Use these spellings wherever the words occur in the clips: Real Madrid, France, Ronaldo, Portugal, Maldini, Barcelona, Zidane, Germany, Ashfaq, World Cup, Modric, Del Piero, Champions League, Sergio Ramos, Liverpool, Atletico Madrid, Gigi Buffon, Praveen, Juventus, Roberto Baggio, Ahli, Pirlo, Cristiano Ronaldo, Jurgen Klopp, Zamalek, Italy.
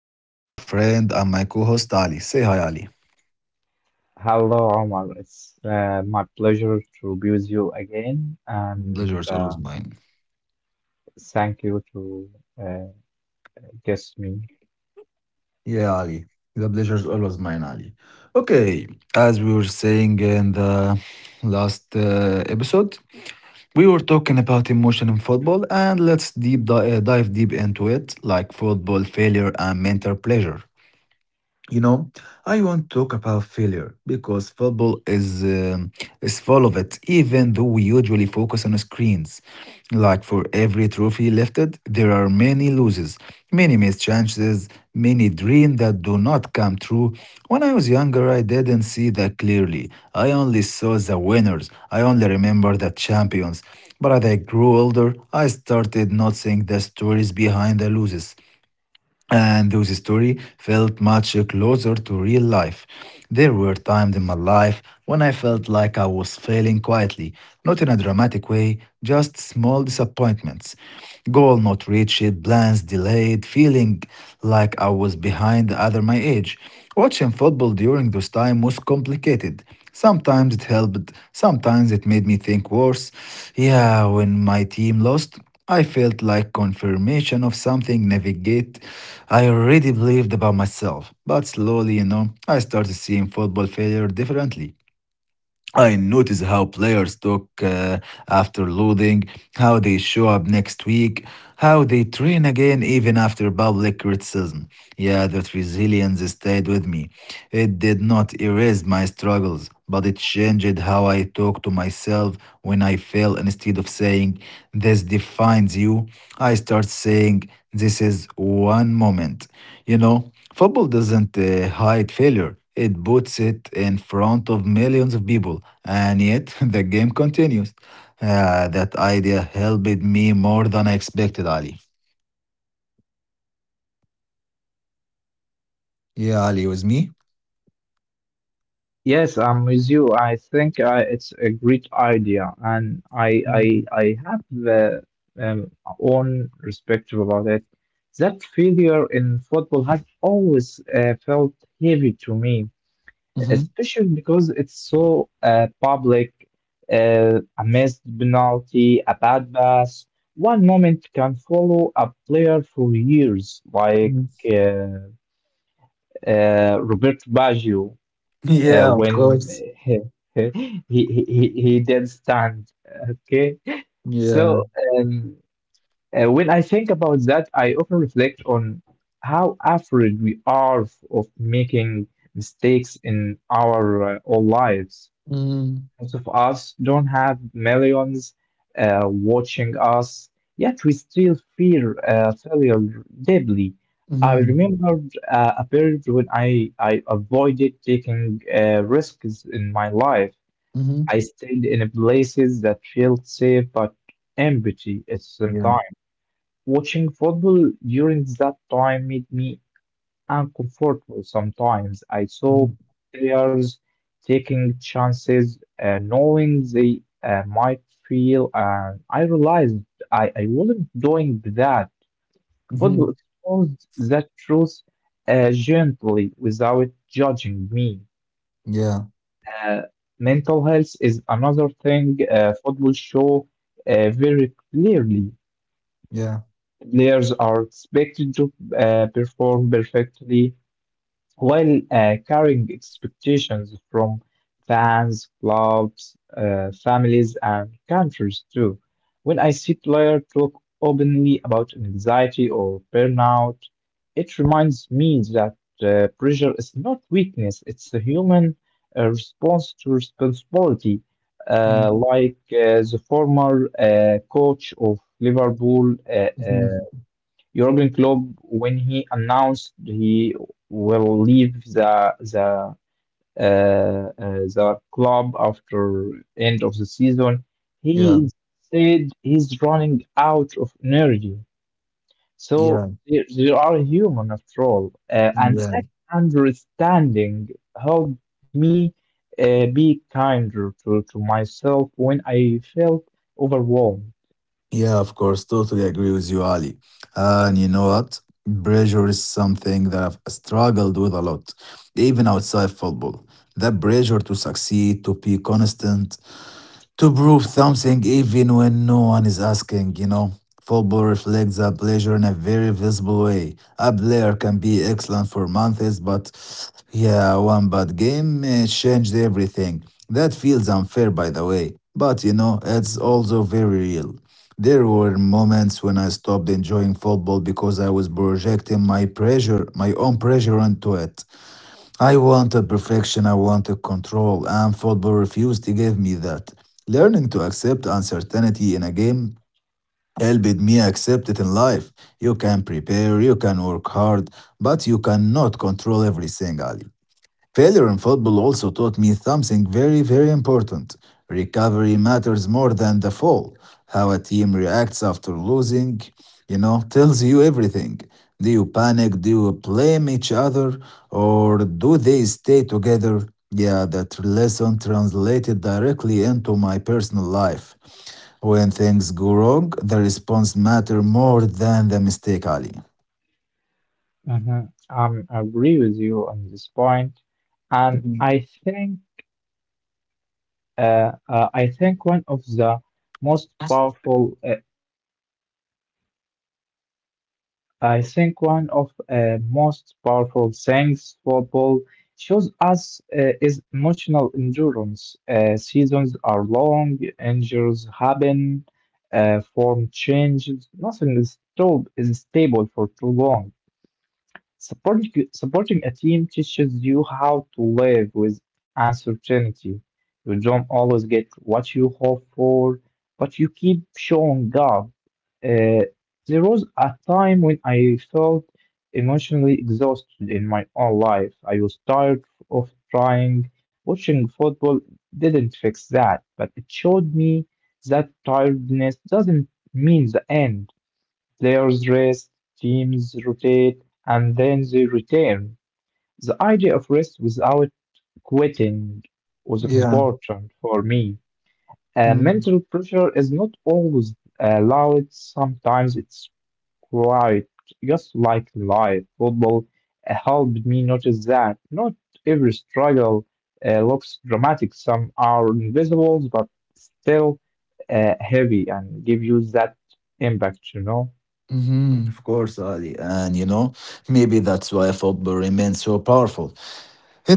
with me is my friend and my co host Ali. Say hi, Ali. Hello, Omar. It's my pleasure to be with you again, and Pleasure is always mine. thank you to uh, guest me. Yeah, Ali. The pleasure is always mine, Ali. Okay, as we were saying in the last episode, we were talking about emotion in football, and let's dive deep into it, like football failure and mental pleasure. You know, I want to talk about failure because football is full of it. Even though we usually focus on screens, like for every trophy lifted, there are many losses, many missed chances, many dreams that do not come true. When I was younger, I didn't see that clearly. I only saw the winners. I only remember the champions. But as I grew older, I started noticing the stories behind the losses and those stories felt much closer to real life. There were times in my life when I felt like I was failing quietly, not in a dramatic way, just small disappointments. Goal not reached, plans delayed, feeling like I was behind the other my age. Watching football during those time was complicated. Sometimes it helped, sometimes it made me think worse. Yeah, when my team lost, I felt like confirmation of something navigate I already believed about myself. But slowly, I started seeing football failure differently. I notice how players talk after loading, how they show up next week, how they train again even after public criticism. Yeah, that resilience stayed with me. It did not erase my struggles, but it changed how I talk to myself when I fail. Instead of saying, this defines you, I start saying, this is one moment. Football doesn't hide failure. It puts it in front of millions of people. And yet, the game continues. Ah, that idea helped me more than I expected, Ali. Yeah, Ali, with me? Yes, I'm with you. I think it's a great idea, and I have the um, own perspective about it. That failure in football has always felt heavy to me, Mm-hmm. especially because it's so public. A missed penalty, a bad pass, one moment can follow a player for years, like uh, Roberto Baggio Yeah, of when course. he, he did stand. Okay, so Yeah. um, when I think about that, I often reflect on how afraid we are of making mistakes in our all lives. Mm-hmm. Most of us don't have millions watching us, yet we still fear failure deeply. I Mm-hmm. remember a period when I avoided taking risks in my life. I stayed in places that felt safe but empty at the same Yeah. time. Watching football during that time made me uncomfortable sometimes. I saw players taking chances, knowing they might feel, and I realized I wasn't doing that. Football Mm-hmm. exposed that truth gently without judging me. Yeah. Uh, mental health is another thing football show very clearly. Yeah. Players are expected to perform perfectly while carrying expectations from fans, clubs, families, and countries too. When I see players talk openly about anxiety or burnout, it reminds me that pressure is not weakness, it's a human response to responsibility. Like the former coach of Liverpool, uh, Mm-hmm. Jurgen Klopp, when he announced he will leave the uh, uh, the club after end of the season, he Yeah. said he's running out of energy. So Yeah. They are human after all, and that Yeah. understanding helped me be kinder to myself when I felt overwhelmed. Yeah, of course. Totally agree with you, Ali. And you know what? Pressure is something that I've struggled with a lot, even outside football. That pressure to succeed, to be constant, to prove something even when no one is asking. Football reflects that pleasure in a very visible way. A player can be excellent for months, but yeah, one bad game changed everything. That feels unfair, by the way. But you know, it's also very real. There were moments when I stopped enjoying football because I was projecting my pressure, my own pressure onto it. I wanted perfection, I wanted control, and football refused to give me that. Learning to accept uncertainty in a game helped me accept it in life. You can prepare, you can work hard, but you cannot control everything, Ali. Failure in football also taught me something very, very important. Recovery matters more than the fall. How a team reacts after losing, tells you everything. Do you panic? Do you blame each other? Or do they stay together? Yeah, that lesson translated directly into my personal life. When things go wrong, the response matter more than the mistake, Ali. Mhm. I agree with you on this point, and Mhm. I think one of the most powerful I think one of most powerful things football shows us is emotional endurance. Seasons are long, injuries happen, form changes. Nothing is stable for too long. Supporting a team teaches you how to live with uncertainty. You don't always get what you hope for, but you keep showing up. Uh, there was a time when I felt emotionally exhausted in my own life. I was tired of trying. Watching football didn't fix that, but it showed me that tiredness doesn't mean the end. Players rest, teams rotate, and then they return. The idea of rest without quitting was Yeah. important for me. Mental Mm. pressure is not always loud, sometimes it's quiet, just like life. Football helped me notice that not every struggle looks dramatic, some are invisible but still heavy and give you that impact, you know? Mhm, of course, Ali. And you know, maybe that's why football remains so powerful.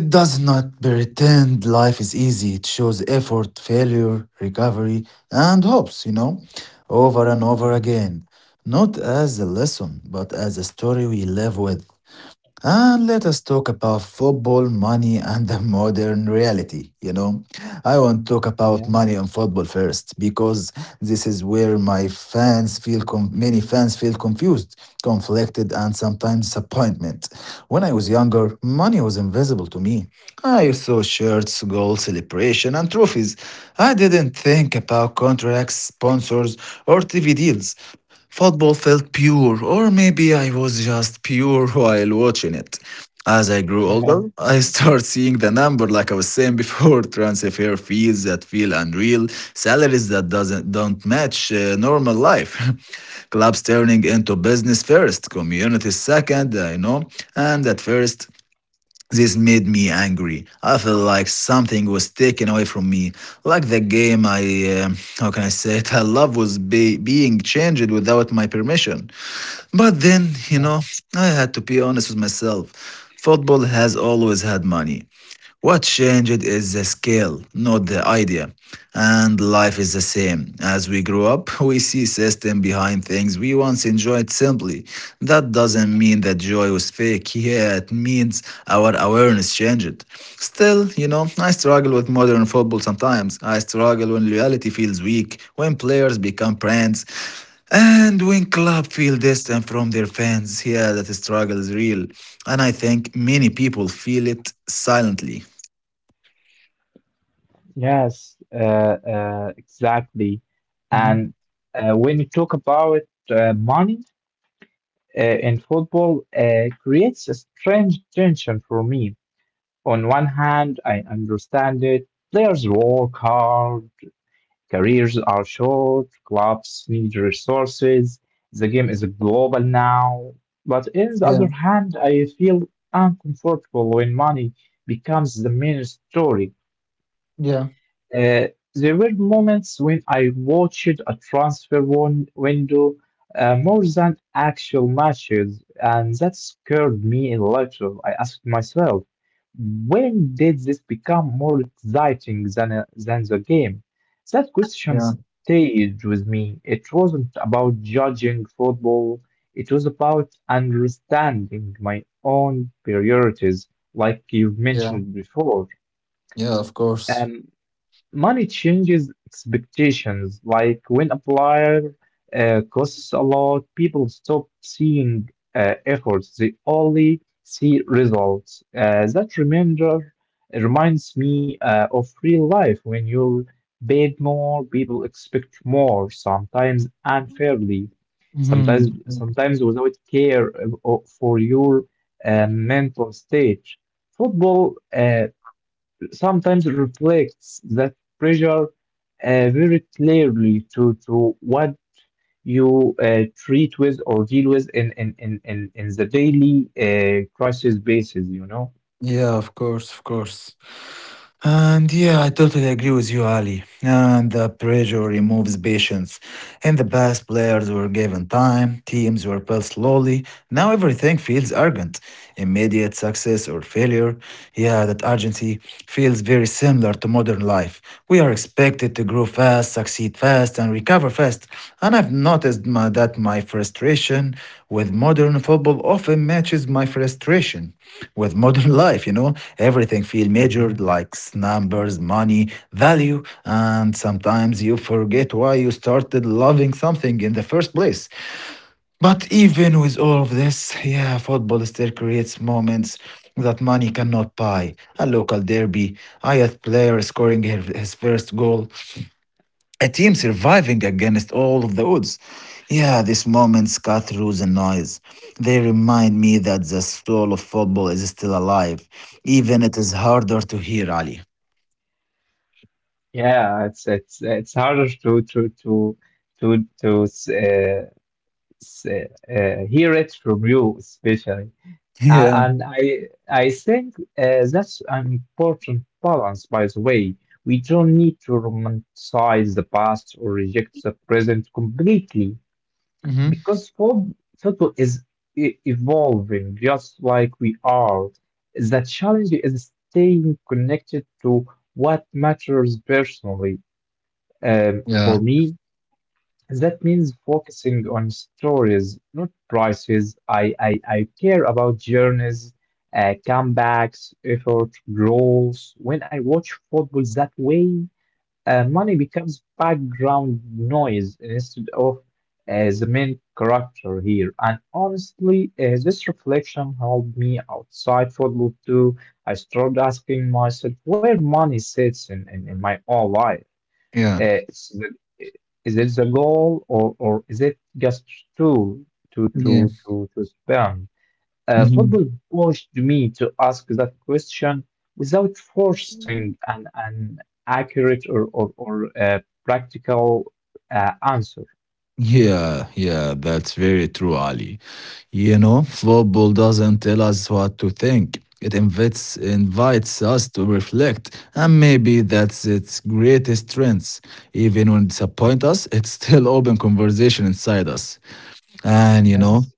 It does not pretend life is easy. It shows effort, failure, recovery, and hopes, over and over Mhm. again. Not as a lesson, but as a story we live with. And let us talk about football, money, and the modern reality. You know, I want to talk about money on football first because this is where my fans feel com- many fans feel confused, conflicted, and sometimes disappointment. When I was younger, money was invisible to me. I saw shirts, goals, celebration, and trophies. I didn't think about contracts, sponsors, or TV deals. Football felt pure, or maybe I was just pure while watching it. As I grew older, I start seeing the number like I was saying before, transfer fees that feel unreal, salaries that doesn't don't match normal life. Clubs turning into business first, communities second, I know, and at first this made me angry. I felt like something was taken away from me, like the game how can I say it, I love was being changed without my permission. But then, you Yes, know, I had to be honest with myself. Football has always had money. What changed is the scale, not the idea. And life is the same. As we grow up, we see system behind things we once enjoyed simply. That doesn't mean that joy was fake. Yeah, it means our awareness changed. Still, you know, I struggle with modern football sometimes. I struggle when loyalty feels weak, when players become brands. And when club feel distant from their fans, yeah, that struggle is real. And I think many people feel it silently. yes, uh, exactly. Hmm. And when you talk about money in football, creates a strange tension for me. On one hand, I understand it. Players work hard, careers are short, clubs need resources. The game is global now. But in the other Yeah, hand, I feel uncomfortable when money becomes the main story. yeah, Uh, there were moments when I watched a window more than actual matches, and that scared me a little. I asked myself, when did this become more exciting than, than the game? That question yeah, stayed with me. It wasn't about judging football, it was about understanding my own priorities, like you've yeah, mentioned before. yeah, of course. Um, Money changes expectations. Like when a flyer costs a lot, people stop seeing efforts. They only see results. That reminder reminds me of real life. When you're paid more, people expect more, sometimes unfairly, Mhm. sometimes without care for your mental state. Football sometimes reflects that pressure very clearly to what you treat with or deal with in the daily crisis basis, you know? Yeah, of course, of course. And yeah, I totally agree with you, Ali. And the pressure removes patience. In the past, players were given time, teams were built slowly. Now everything feels urgent. Immediate success or failure. Yeah, that urgency feels very similar to modern life. We are expected to grow fast, succeed fast, and recover fast. And I've that my frustration with modern football often matches my frustration with modern life, you know, everything feels measured Mhm. like numbers, money, value, and sometimes you forget why you started loving something in the first place. But even with all of this, yeah, football still creates moments that money cannot buy. A local derby, Ayat player scoring his first goal, a team surviving against all of the odds. Yeah, these moments cut through the noise. They remind me that the soul of football is still alive, even it is harder to hear, Ali. Yeah, it's harder to s- s- hear it from you, especially. Uh, Yeah. and I think that's an important balance, by the way. We don't need to romanticize the past or reject the present completely Hmm. because football is evolving just like we are. The challenge is staying connected to what matters personally. For Yeah. me, that means focusing on stories, not prices. I care about journeys, comebacks, effort, goals. When I watch football that way, money becomes background noise instead of the main character here. And honestly, this reflection helped me outside football too. I started asking myself where money sits in my own life. Yeah. Uh, it's the- is it the goal or is it just to Yeah. To spend? Football Hmm. pushed me to ask that question without forcing an accurate or practical answer. Yeah, yeah, that's very true, Ali. You know, football doesn't tell us what to think. It invites us to reflect, and maybe that's its greatest strength. Even when it disappoints us, it's still open conversation inside us. And you know, Yes.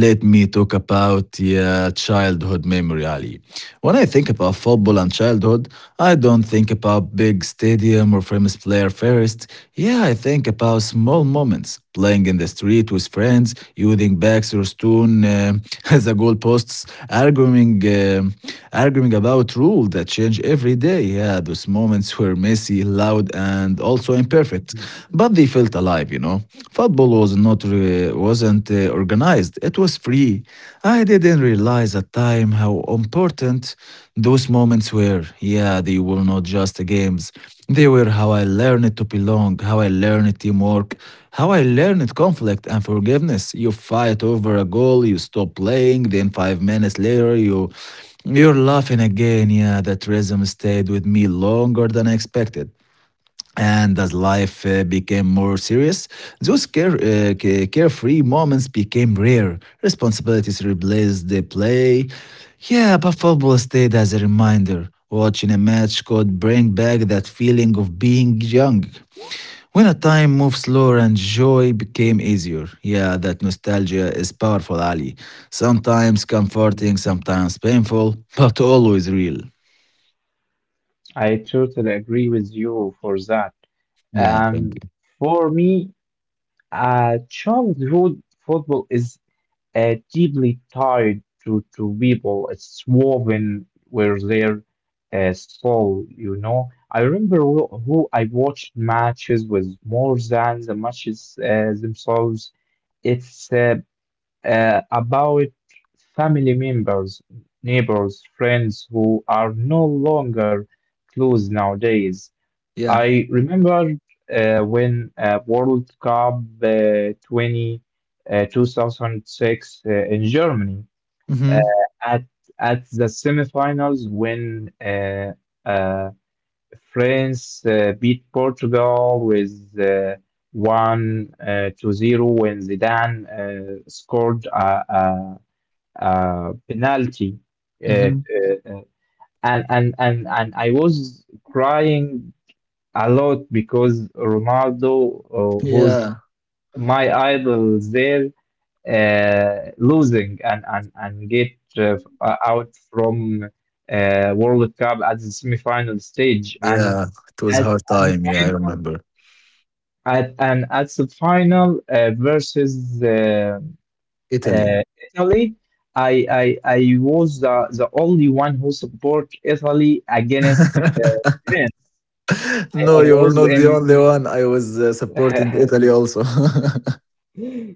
let me talk about yeah, childhood memory, Ali. When I think about football and childhood, I don't think about big stadium or famous player first. Yeah, I think about small moments, playing in the street with friends, using bags or stone as a goalposts, arguing about rules that change every day. Yeah, those moments were messy, loud, and also imperfect, but they felt alive. You know, football was not re- wasn't organized. It was free. I didn't realize at time how important those moments were. Yeah, they were not just games. They were how I learned to belong, how I learned teamwork, how I learned conflict and forgiveness. You fight over a goal, you stop playing, then 5 minutes later you're laughing again. Yeah, that rhythm stayed with me longer than I expected. And as life became more serious, carefree moments became rare. Responsibilities replaced the play. Yeah, but football stayed as a reminder. Watching a match could bring back that feeling of being young. When a time moved slower and joy became easier. Yeah, that nostalgia is powerful, Ali. Sometimes Mhm. comforting, sometimes painful, but always real. I totally agree with you for that. Yeah, thank Um, you. for me, childhood football is deeply tied to people. It's woven with their soul, you know. I remember who I watched matches with more than the matches themselves. It's about family members, neighbors, friends who are no longer close nowadays. Yeah. I remember when World Cup 2006 in Germany uh, Mm-hmm. at at the semifinals when uh, France beat Portugal with one to zero when Zidane scored a penalty. Uh, Mm-hmm. uh, uh, and I was crying a lot because Ronaldo, who's Yeah. my idol there, losing and get uh, out from World Cup at the semi-final stage and Yeah, it was a hard at the time. Yeah, I final remember. At the final versus Italy. uh, Italy. I was the only one who support Italy against France. I No, you're was not the in only one. I was supporting Italy also.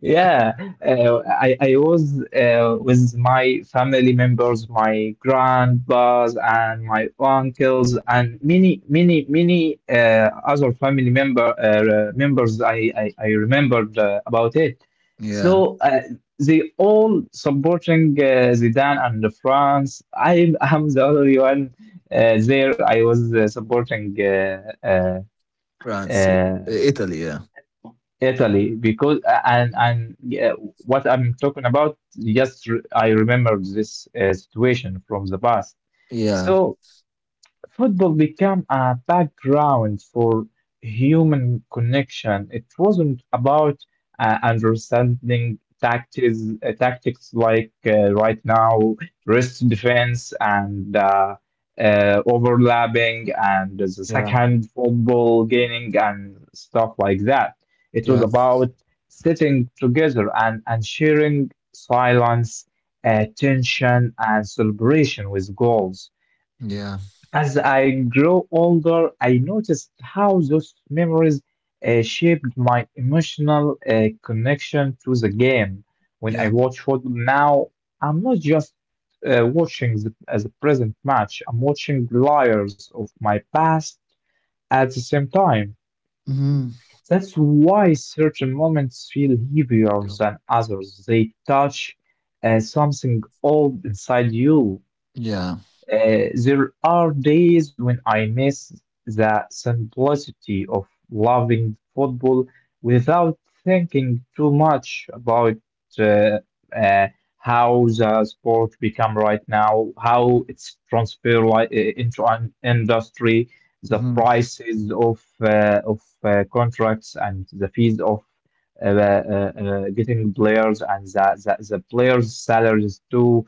Yeah, I was with my family members, my grandpas and my uncles and many other family members. I remembered about it. Yeah, So they all supporting Zidane and the France. I am the only one there. I was supporting France, yeah. uh, Italy, yeah. Italy because and yeah, what I'm talking about just I remember this situation from the past. Yeah, So football became a background for human connection. It wasn't about understanding tactics, tactics like right now, wrist defense and overlapping and the yeah, second football gaining and stuff like that. It was yeah, about sitting together and sharing silence, tension, and celebration with goals. yeah, As I grow older, I noticed how those memories shaped my emotional connection to the game. When I yeah. watch football now, I'm not just watching as a present match, I'm watching layers of my past at the same time. Hmm. That's why certain moments feel heavier than others. They touch something old inside you. Yeah. There are days when I miss the simplicity of loving football without thinking too much about uh, uh, how the sport become right now, how it's transferred like, into an industry, the Hmm. prices of contracts and the fees of getting players and the players' salaries too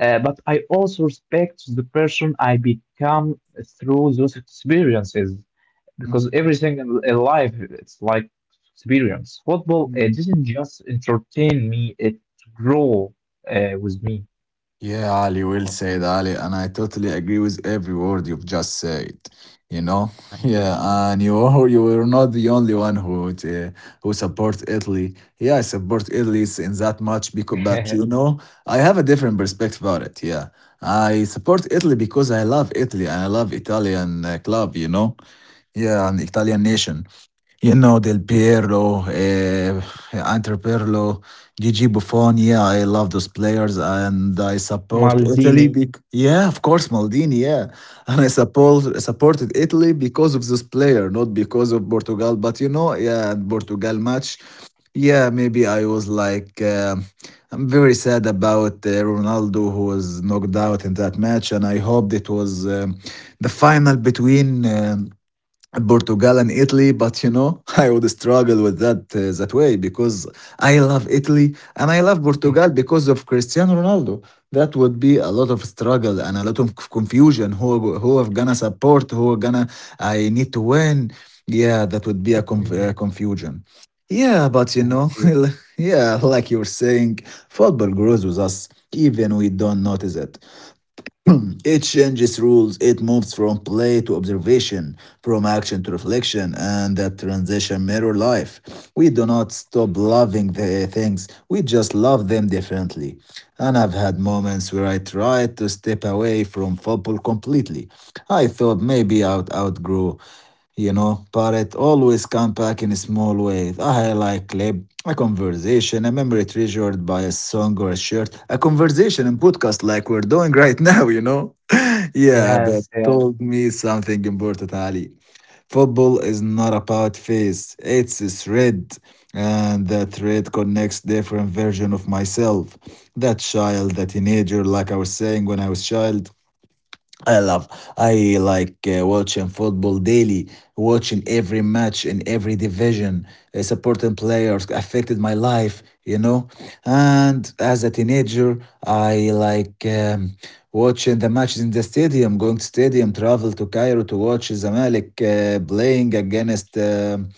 uh, but I also respect the person I become through those experiences because everything in life it's like experience. Football it didn't just entertain me; it grew with me. Yeah, Ali, well Oh, said, Ali, and I totally agree with every word you've just said. You know, thank you. yeah, and you are not the only one who supports Italy. Yeah, I support Italy in that much because, but you know, I have a different perspective about it. Yeah, I support Italy because I love Italy and I love Italian club. You know, yeah, and Italian nation. You know, Del Piero, Inter Pirlo, Gigi Buffon. Yeah, I love those players and I support Maldini, Italy. Yeah, of course, Maldini. Yeah. And I support supported Italy because of this player, not because of Portugal. But you know, yeah, and Portugal match. Yeah, maybe I was I'm very sad about Ronaldo who was knocked out in that match. And I hoped it was the final between Portugal and Italy, but you know, I would struggle with that way because I love Italy and I love Portugal because of Cristiano Ronaldo. That would be a lot of struggle and a lot of confusion. Who are gonna support? Who are gonna? I need to win. Yeah, that would be a, hmm confusion. Yeah, but you I know, see. yeah, like you're saying, football grows with us, even we don't notice it. It changes rules, it moves from play to observation, from action to reflection, and that transition mirror life. We do not stop loving the things, we just love them differently. And I've had moments where I tried to step away from football completely. I thought maybe I'd outgrow you know, but it always comes back in a small way. A highlight clip, a conversation, a memory treasured by a song or a shirt, a conversation and podcast like we're doing right now, you know? Yeah, that Yes, yes, told me something important, Ali. Football is not about face, it's a thread. And that thread connects different version of myself. That child, that teenager, like I was saying when I was child, I love. I like watching football daily, watching every match in every division, supporting players affected my life, you know. And as a teenager, I like watching the matches in the stadium, going to stadium, travel to Cairo to watch Zamalek playing against um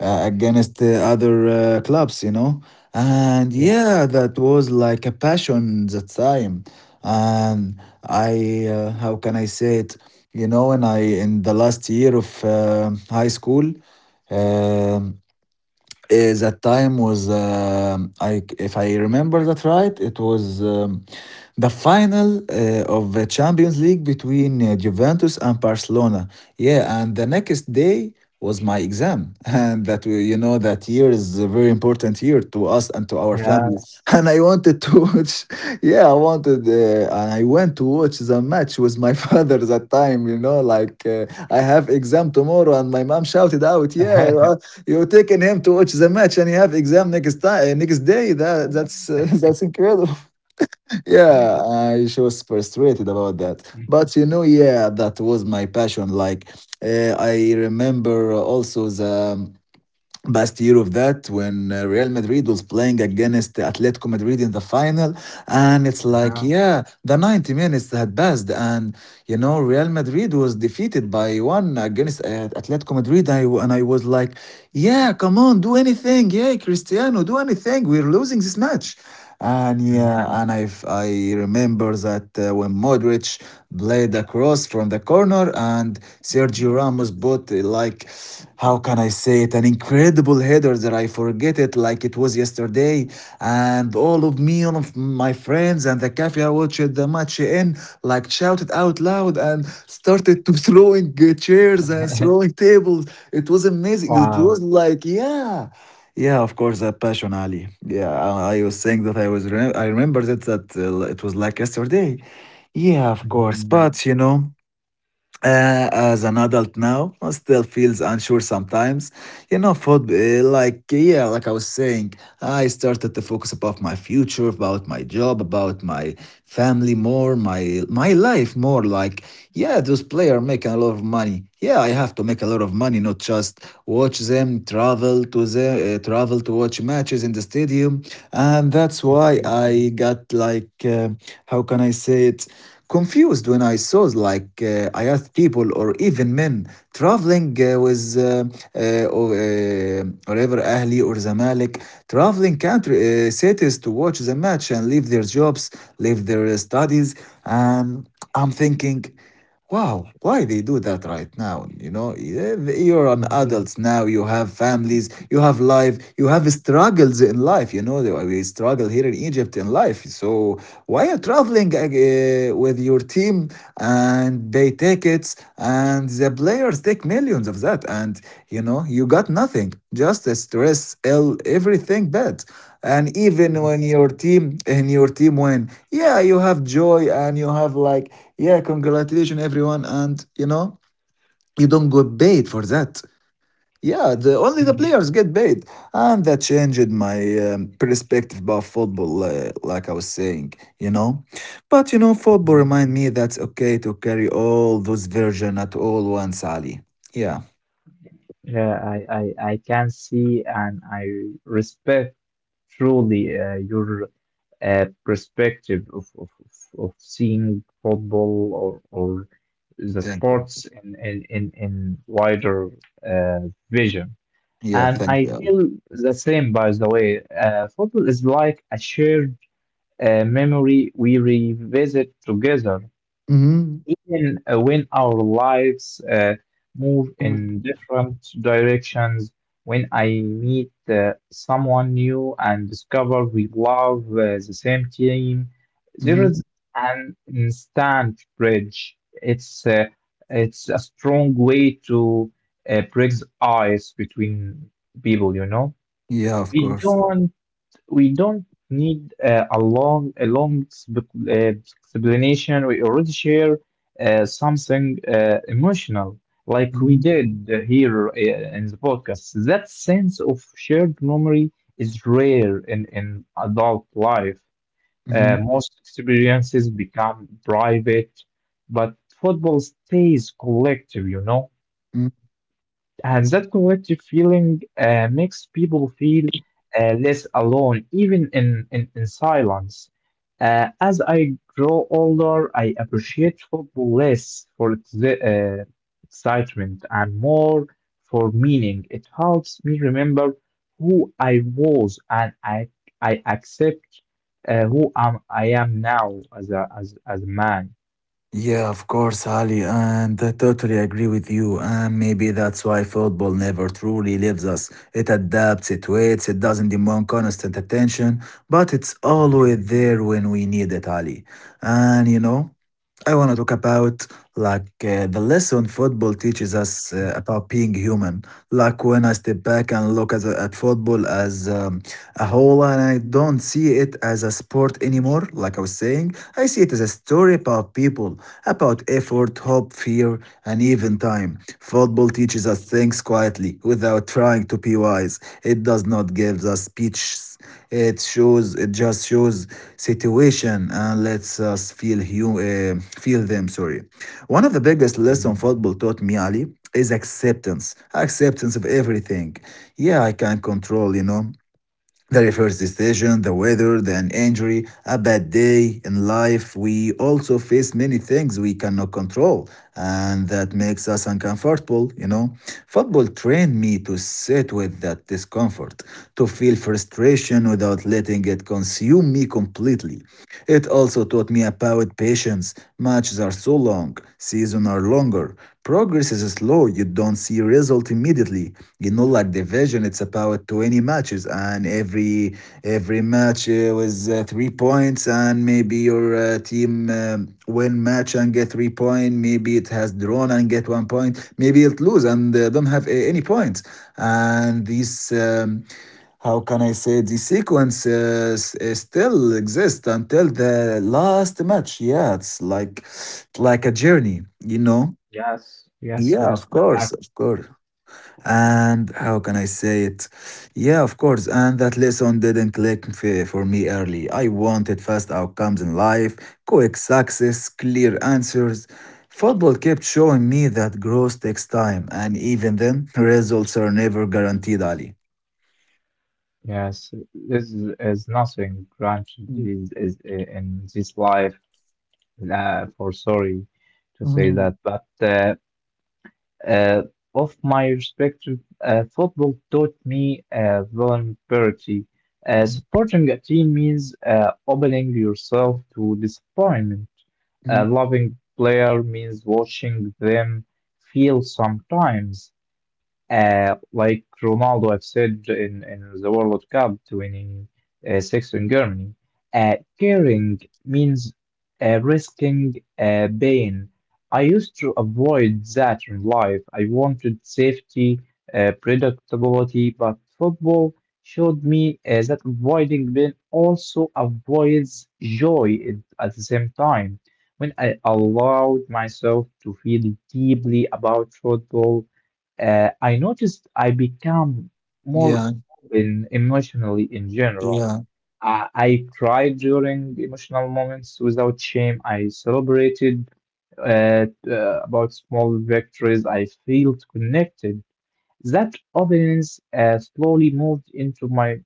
uh, against other clubs, you know. And yeah, yeah, that was like a passion that time and I how can I say it? You know, and I in the last year of high school, um, is that time was I if I remember that right, it was the final of the Champions League between Juventus and Barcelona. Yeah, and the next day was my exam, and you know that year is a very important year to us and to our family yes. and I wanted to watch. Yeah, I wanted and I went to watch the match with my father that time, you know, like I have exam tomorrow and my mom shouted out, yeah, uh, you're taking him to watch the match and you have exam next day. That that's That's incredible. Yeah, I she was frustrated about that, but you know, yeah, that was my passion, like I remember also the best year of that when Real Madrid was playing against Atletico Madrid in the final, and it's like, Uh-huh. yeah, the 90 minutes had passed, and you know, Real Madrid was defeated by one against Atletico Madrid. And I was like, yeah, come on, do anything, yeah, Cristiano, do anything. We're losing this match. And yeah, and I remember that when Modric played across from the corner and Sergio Ramos put like, how can I say it, an incredible header that I forget it like it was yesterday. And all of me, all of my friends and the cafe I watched the match in, like, shouted out loud and started to throwing chairs and throwing tables. It was amazing. It was Wow. like, yeah, yeah, of course, that passion, Ali. Yeah, I was saying that I was. I remember that it was like yesterday. Yeah, of course, Mhm. but you know, as an adult now, I still feels unsure sometimes. You know, food, like, yeah, like I was saying, I started to focus about my future, about my job, about my family more, my life more. Like, yeah, those players making a lot of money. Yeah, I have to make a lot of money, not just watch them, travel to watch matches in the stadium, and that's why I got like how can I say it, confused when I saw like I asked people or even men traveling whatever Ahli or Zamalek traveling country cities to watch the match and leave their jobs, leave their studies, and I'm thinking, wow, why they do that right now? You know, eh, you're an Mhm. adult now. You have families. You have life. You have struggles in life. You know, we struggle here in Egypt in life. So why are you traveling with your team and they take it and the players take millions of that, and you know, you got nothing, just the stress, ill, everything bad. And even when Yes. Your team win, yeah, you have joy and you have like, yeah, congratulations everyone, and you know, you don't get paid for that. Yeah, the players get paid, and that changed my perspective about football. Like I was saying, you know, but you know, football remind me that's okay to carry all those version at all once, Ali. Yeah, Yeah, I can see and I respect truly your perspective of seeing football or the thank you. sports in wider uh, vision. Yeah, And thank I you, Ali. feel the same, by the way. Football is like a shared memory we revisit together. Mm-hmm. Even when our lives move in different directions, when I meet someone new and discover we love the same team, there Mm-hmm. is an instant bridge. It's a strong way to break the ice between people, you know. Yeah, of We course. don't we don't need a long explanation. We already share something emotional, like we Mm-hmm. did here in the podcast. That sense of shared memory is rare in adult life. Mm-hmm. Most experiences become private, but football stays collective, you know. And that collective feeling makes people feel less alone, even in silence. As I grow older, I appreciate football less for its excitement and more for meaning. It helps me remember who I was and I accept who I am now as as a man. Yeah, of course, Ali, and I totally agree with you. And maybe that's why football never truly leaves us. It adapts, it waits, it doesn't demand constant attention, but it's Mhm, always there when we need it, Ali. And you know, I want to talk about like the lesson football teaches us about being human. Like when I step back and look at football as a whole, and I don't see it as a sport anymore. Like I was saying, I see it as a story about people, about effort, hope, fear, and even time. Football teaches us things quietly without trying to be wise. It does not give us speeches. It shows. It just shows situation and lets us feel them. Sorry. One of the biggest lessons mhm. football taught me, Ali, is acceptance. Acceptance of everything. Yeah, I can control. You know. The refers decision, the weather, the an injury, a bad day in life. We also face many things we cannot control, and that makes us uncomfortable, you know. Football trained me to sit with that discomfort, to feel frustration without letting it consume me completely. It also taught me about patience. Matches are so long, seasons are longer. Progress is slow. You don't see result immediately. You know, like division, it's about 20 matches, and every match was 3 points, and maybe your team win match and get 3 points. Maybe it has drawn and get 1 point. Maybe it lose and don't any points. And this. How can I say, the sequence still exists until the last match. Yeah, it's like a journey, you know. Yes, yes, Yeah, of course, exactly. of course. And how can I say it? Yeah, of course. And that lesson didn't for me early. I wanted fast outcomes in life, quick success, clear answers. Football kept showing me that growth takes time, and even then, results are never guaranteed, Ali. Yes, this is nothing granted Hmm. In this life, for sorry to say Hmm. that, but uh, of my perspective, football taught me vulnerability. Supporting a team means opening yourself to disappointment. A loving player means watching them feel sometimes. Like Ronaldo have said in the World Cup 26 in Germany, caring means risking pain. I used to avoid that in life. I wanted safety, predictability, but football showed me that avoiding pain also avoids joy at the same time. When I allowed myself to feel deeply about football, I noticed I become more Yeah, open emotionally in general. yeah, I cried during emotional moments without shame. I celebrated uh, uh, about small victories. I felt connected. That openness slowly moved into my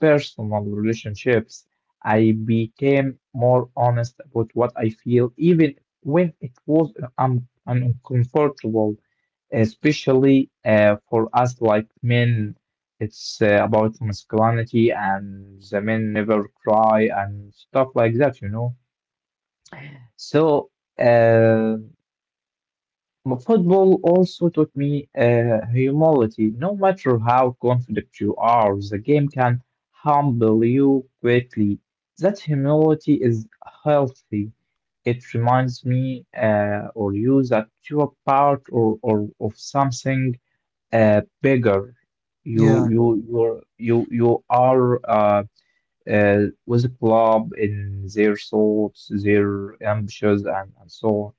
personal relationships. I became more honest about what I feel, even when it was uncomfortable, especially for us like men. It's about masculinity, and the men never cry and stuff like that, you know. So, uh, Football also taught me humility. No matter how confident you are, the game can humble you quickly. That humility is healthy. It reminds me or you that you are part or of something bigger. You yeah, you you're, you are with a club in their thoughts, their ambitions, and so on.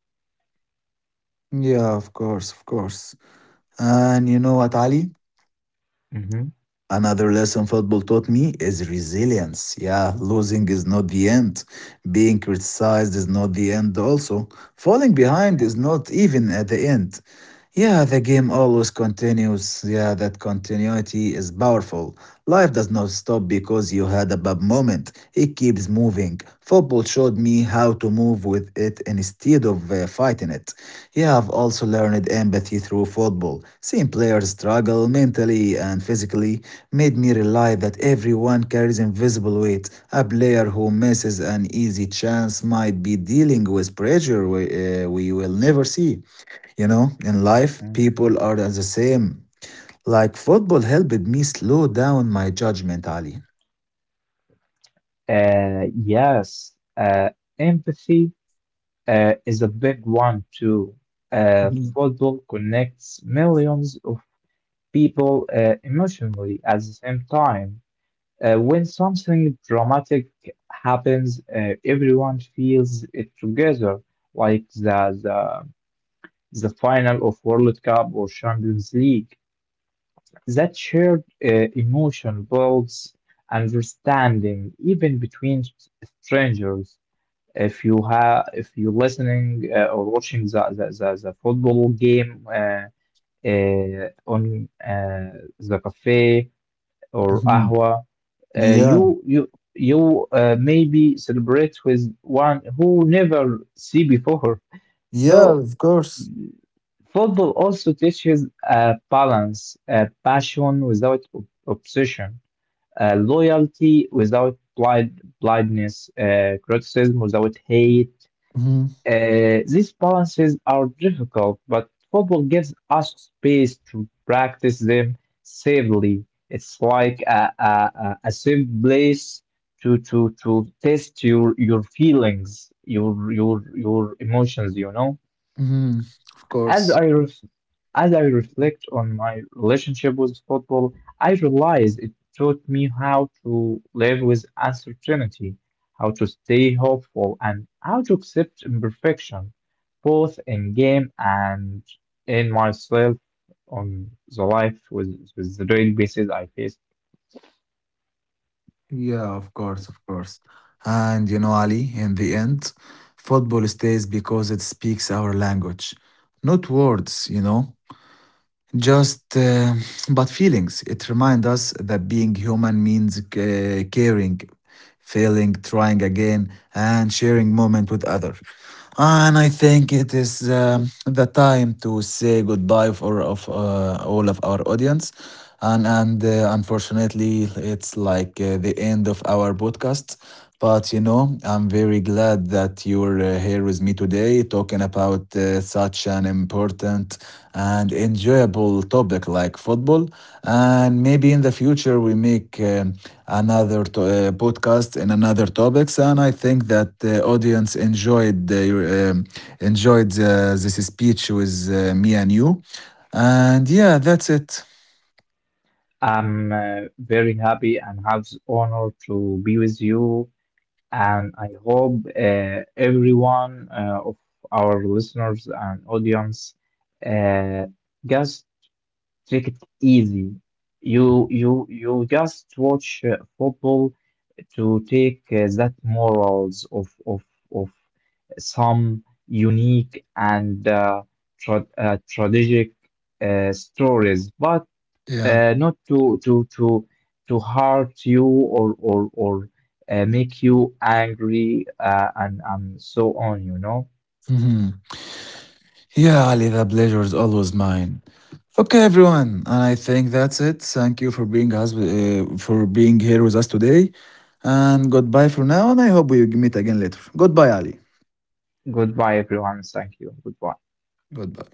yeah, of course, of course. And you know what, Ali? Mhm. Another lesson football taught me is resilience. Yeah, losing is not the end. Being criticized is not the end, also. Falling behind is not even at the end. Yeah, the game always continues. Yeah, that continuity is powerful. Life does not stop because you had a bad moment, it keeps moving. Football showed me how to move with it instead of fighting it. Yeah, I've also learned empathy through football, seeing players struggle mentally and physically made me realize that everyone carries invisible weight. A player who misses an easy chance might be dealing with pressure we will never see. You know, in life, people are the same. Like football helped me slow down my judgment, Ali. Yes, empathy is a big one too. Mhm. Football connects millions of people emotionally at the same time. When something dramatic happens, everyone feels it together, like the final of World Cup or Champions League. That shared emotion builds understanding even between strangers. If you have, if you're listening or watching the football game on the cafe or Mhm. ahwa, Yeah, you maybe celebrate with one who never see before. yeah, So of course. football also teaches balance, passion without obsession, loyalty without blindness, criticism without hate, Mhm. These balances are difficult, but football gives us space to practice them safely. It's like a safe place to test your feelings, your emotions, you know? Mhm. Of As course. I ref- as I reflect on my relationship with football, I realize it taught me how to live with uncertainty, how to stay hopeful, and how to accept imperfection, both in game and in myself on the life with the daily basis I face. Yeah, of course, of course. And you know, Ali, in the end, football stays because it speaks our language, not words, you know. Just, but feelings. It reminds us that being human means caring, failing, trying again, and sharing moment with others. And I think it is the time to say goodbye for of all of our audience. And unfortunately, it's like the end of our podcast. But you know, I'm very glad that you're here with me today, talking about such an important and enjoyable topic like football. And maybe in the future we make another podcast in another topics. And I think that the audience enjoyed um, this speech with me and you. And yeah, that's it. I'm very happy and have the honor to be with you, and I hope everyone of our listeners and audience uh, just take it easy. You just watch football to take that morals of some unique and tragic stories, but Yeah. Not to hurt you or make you angry and so on, you know. Mhm. Yeah, Ali, the pleasure is always mine. Okay, everyone, and I think that's it. Thank you for being here with us today, and goodbye for now. And I hope we meet again later. Goodbye, Ali. Goodbye, everyone. Thank you. Goodbye. Goodbye.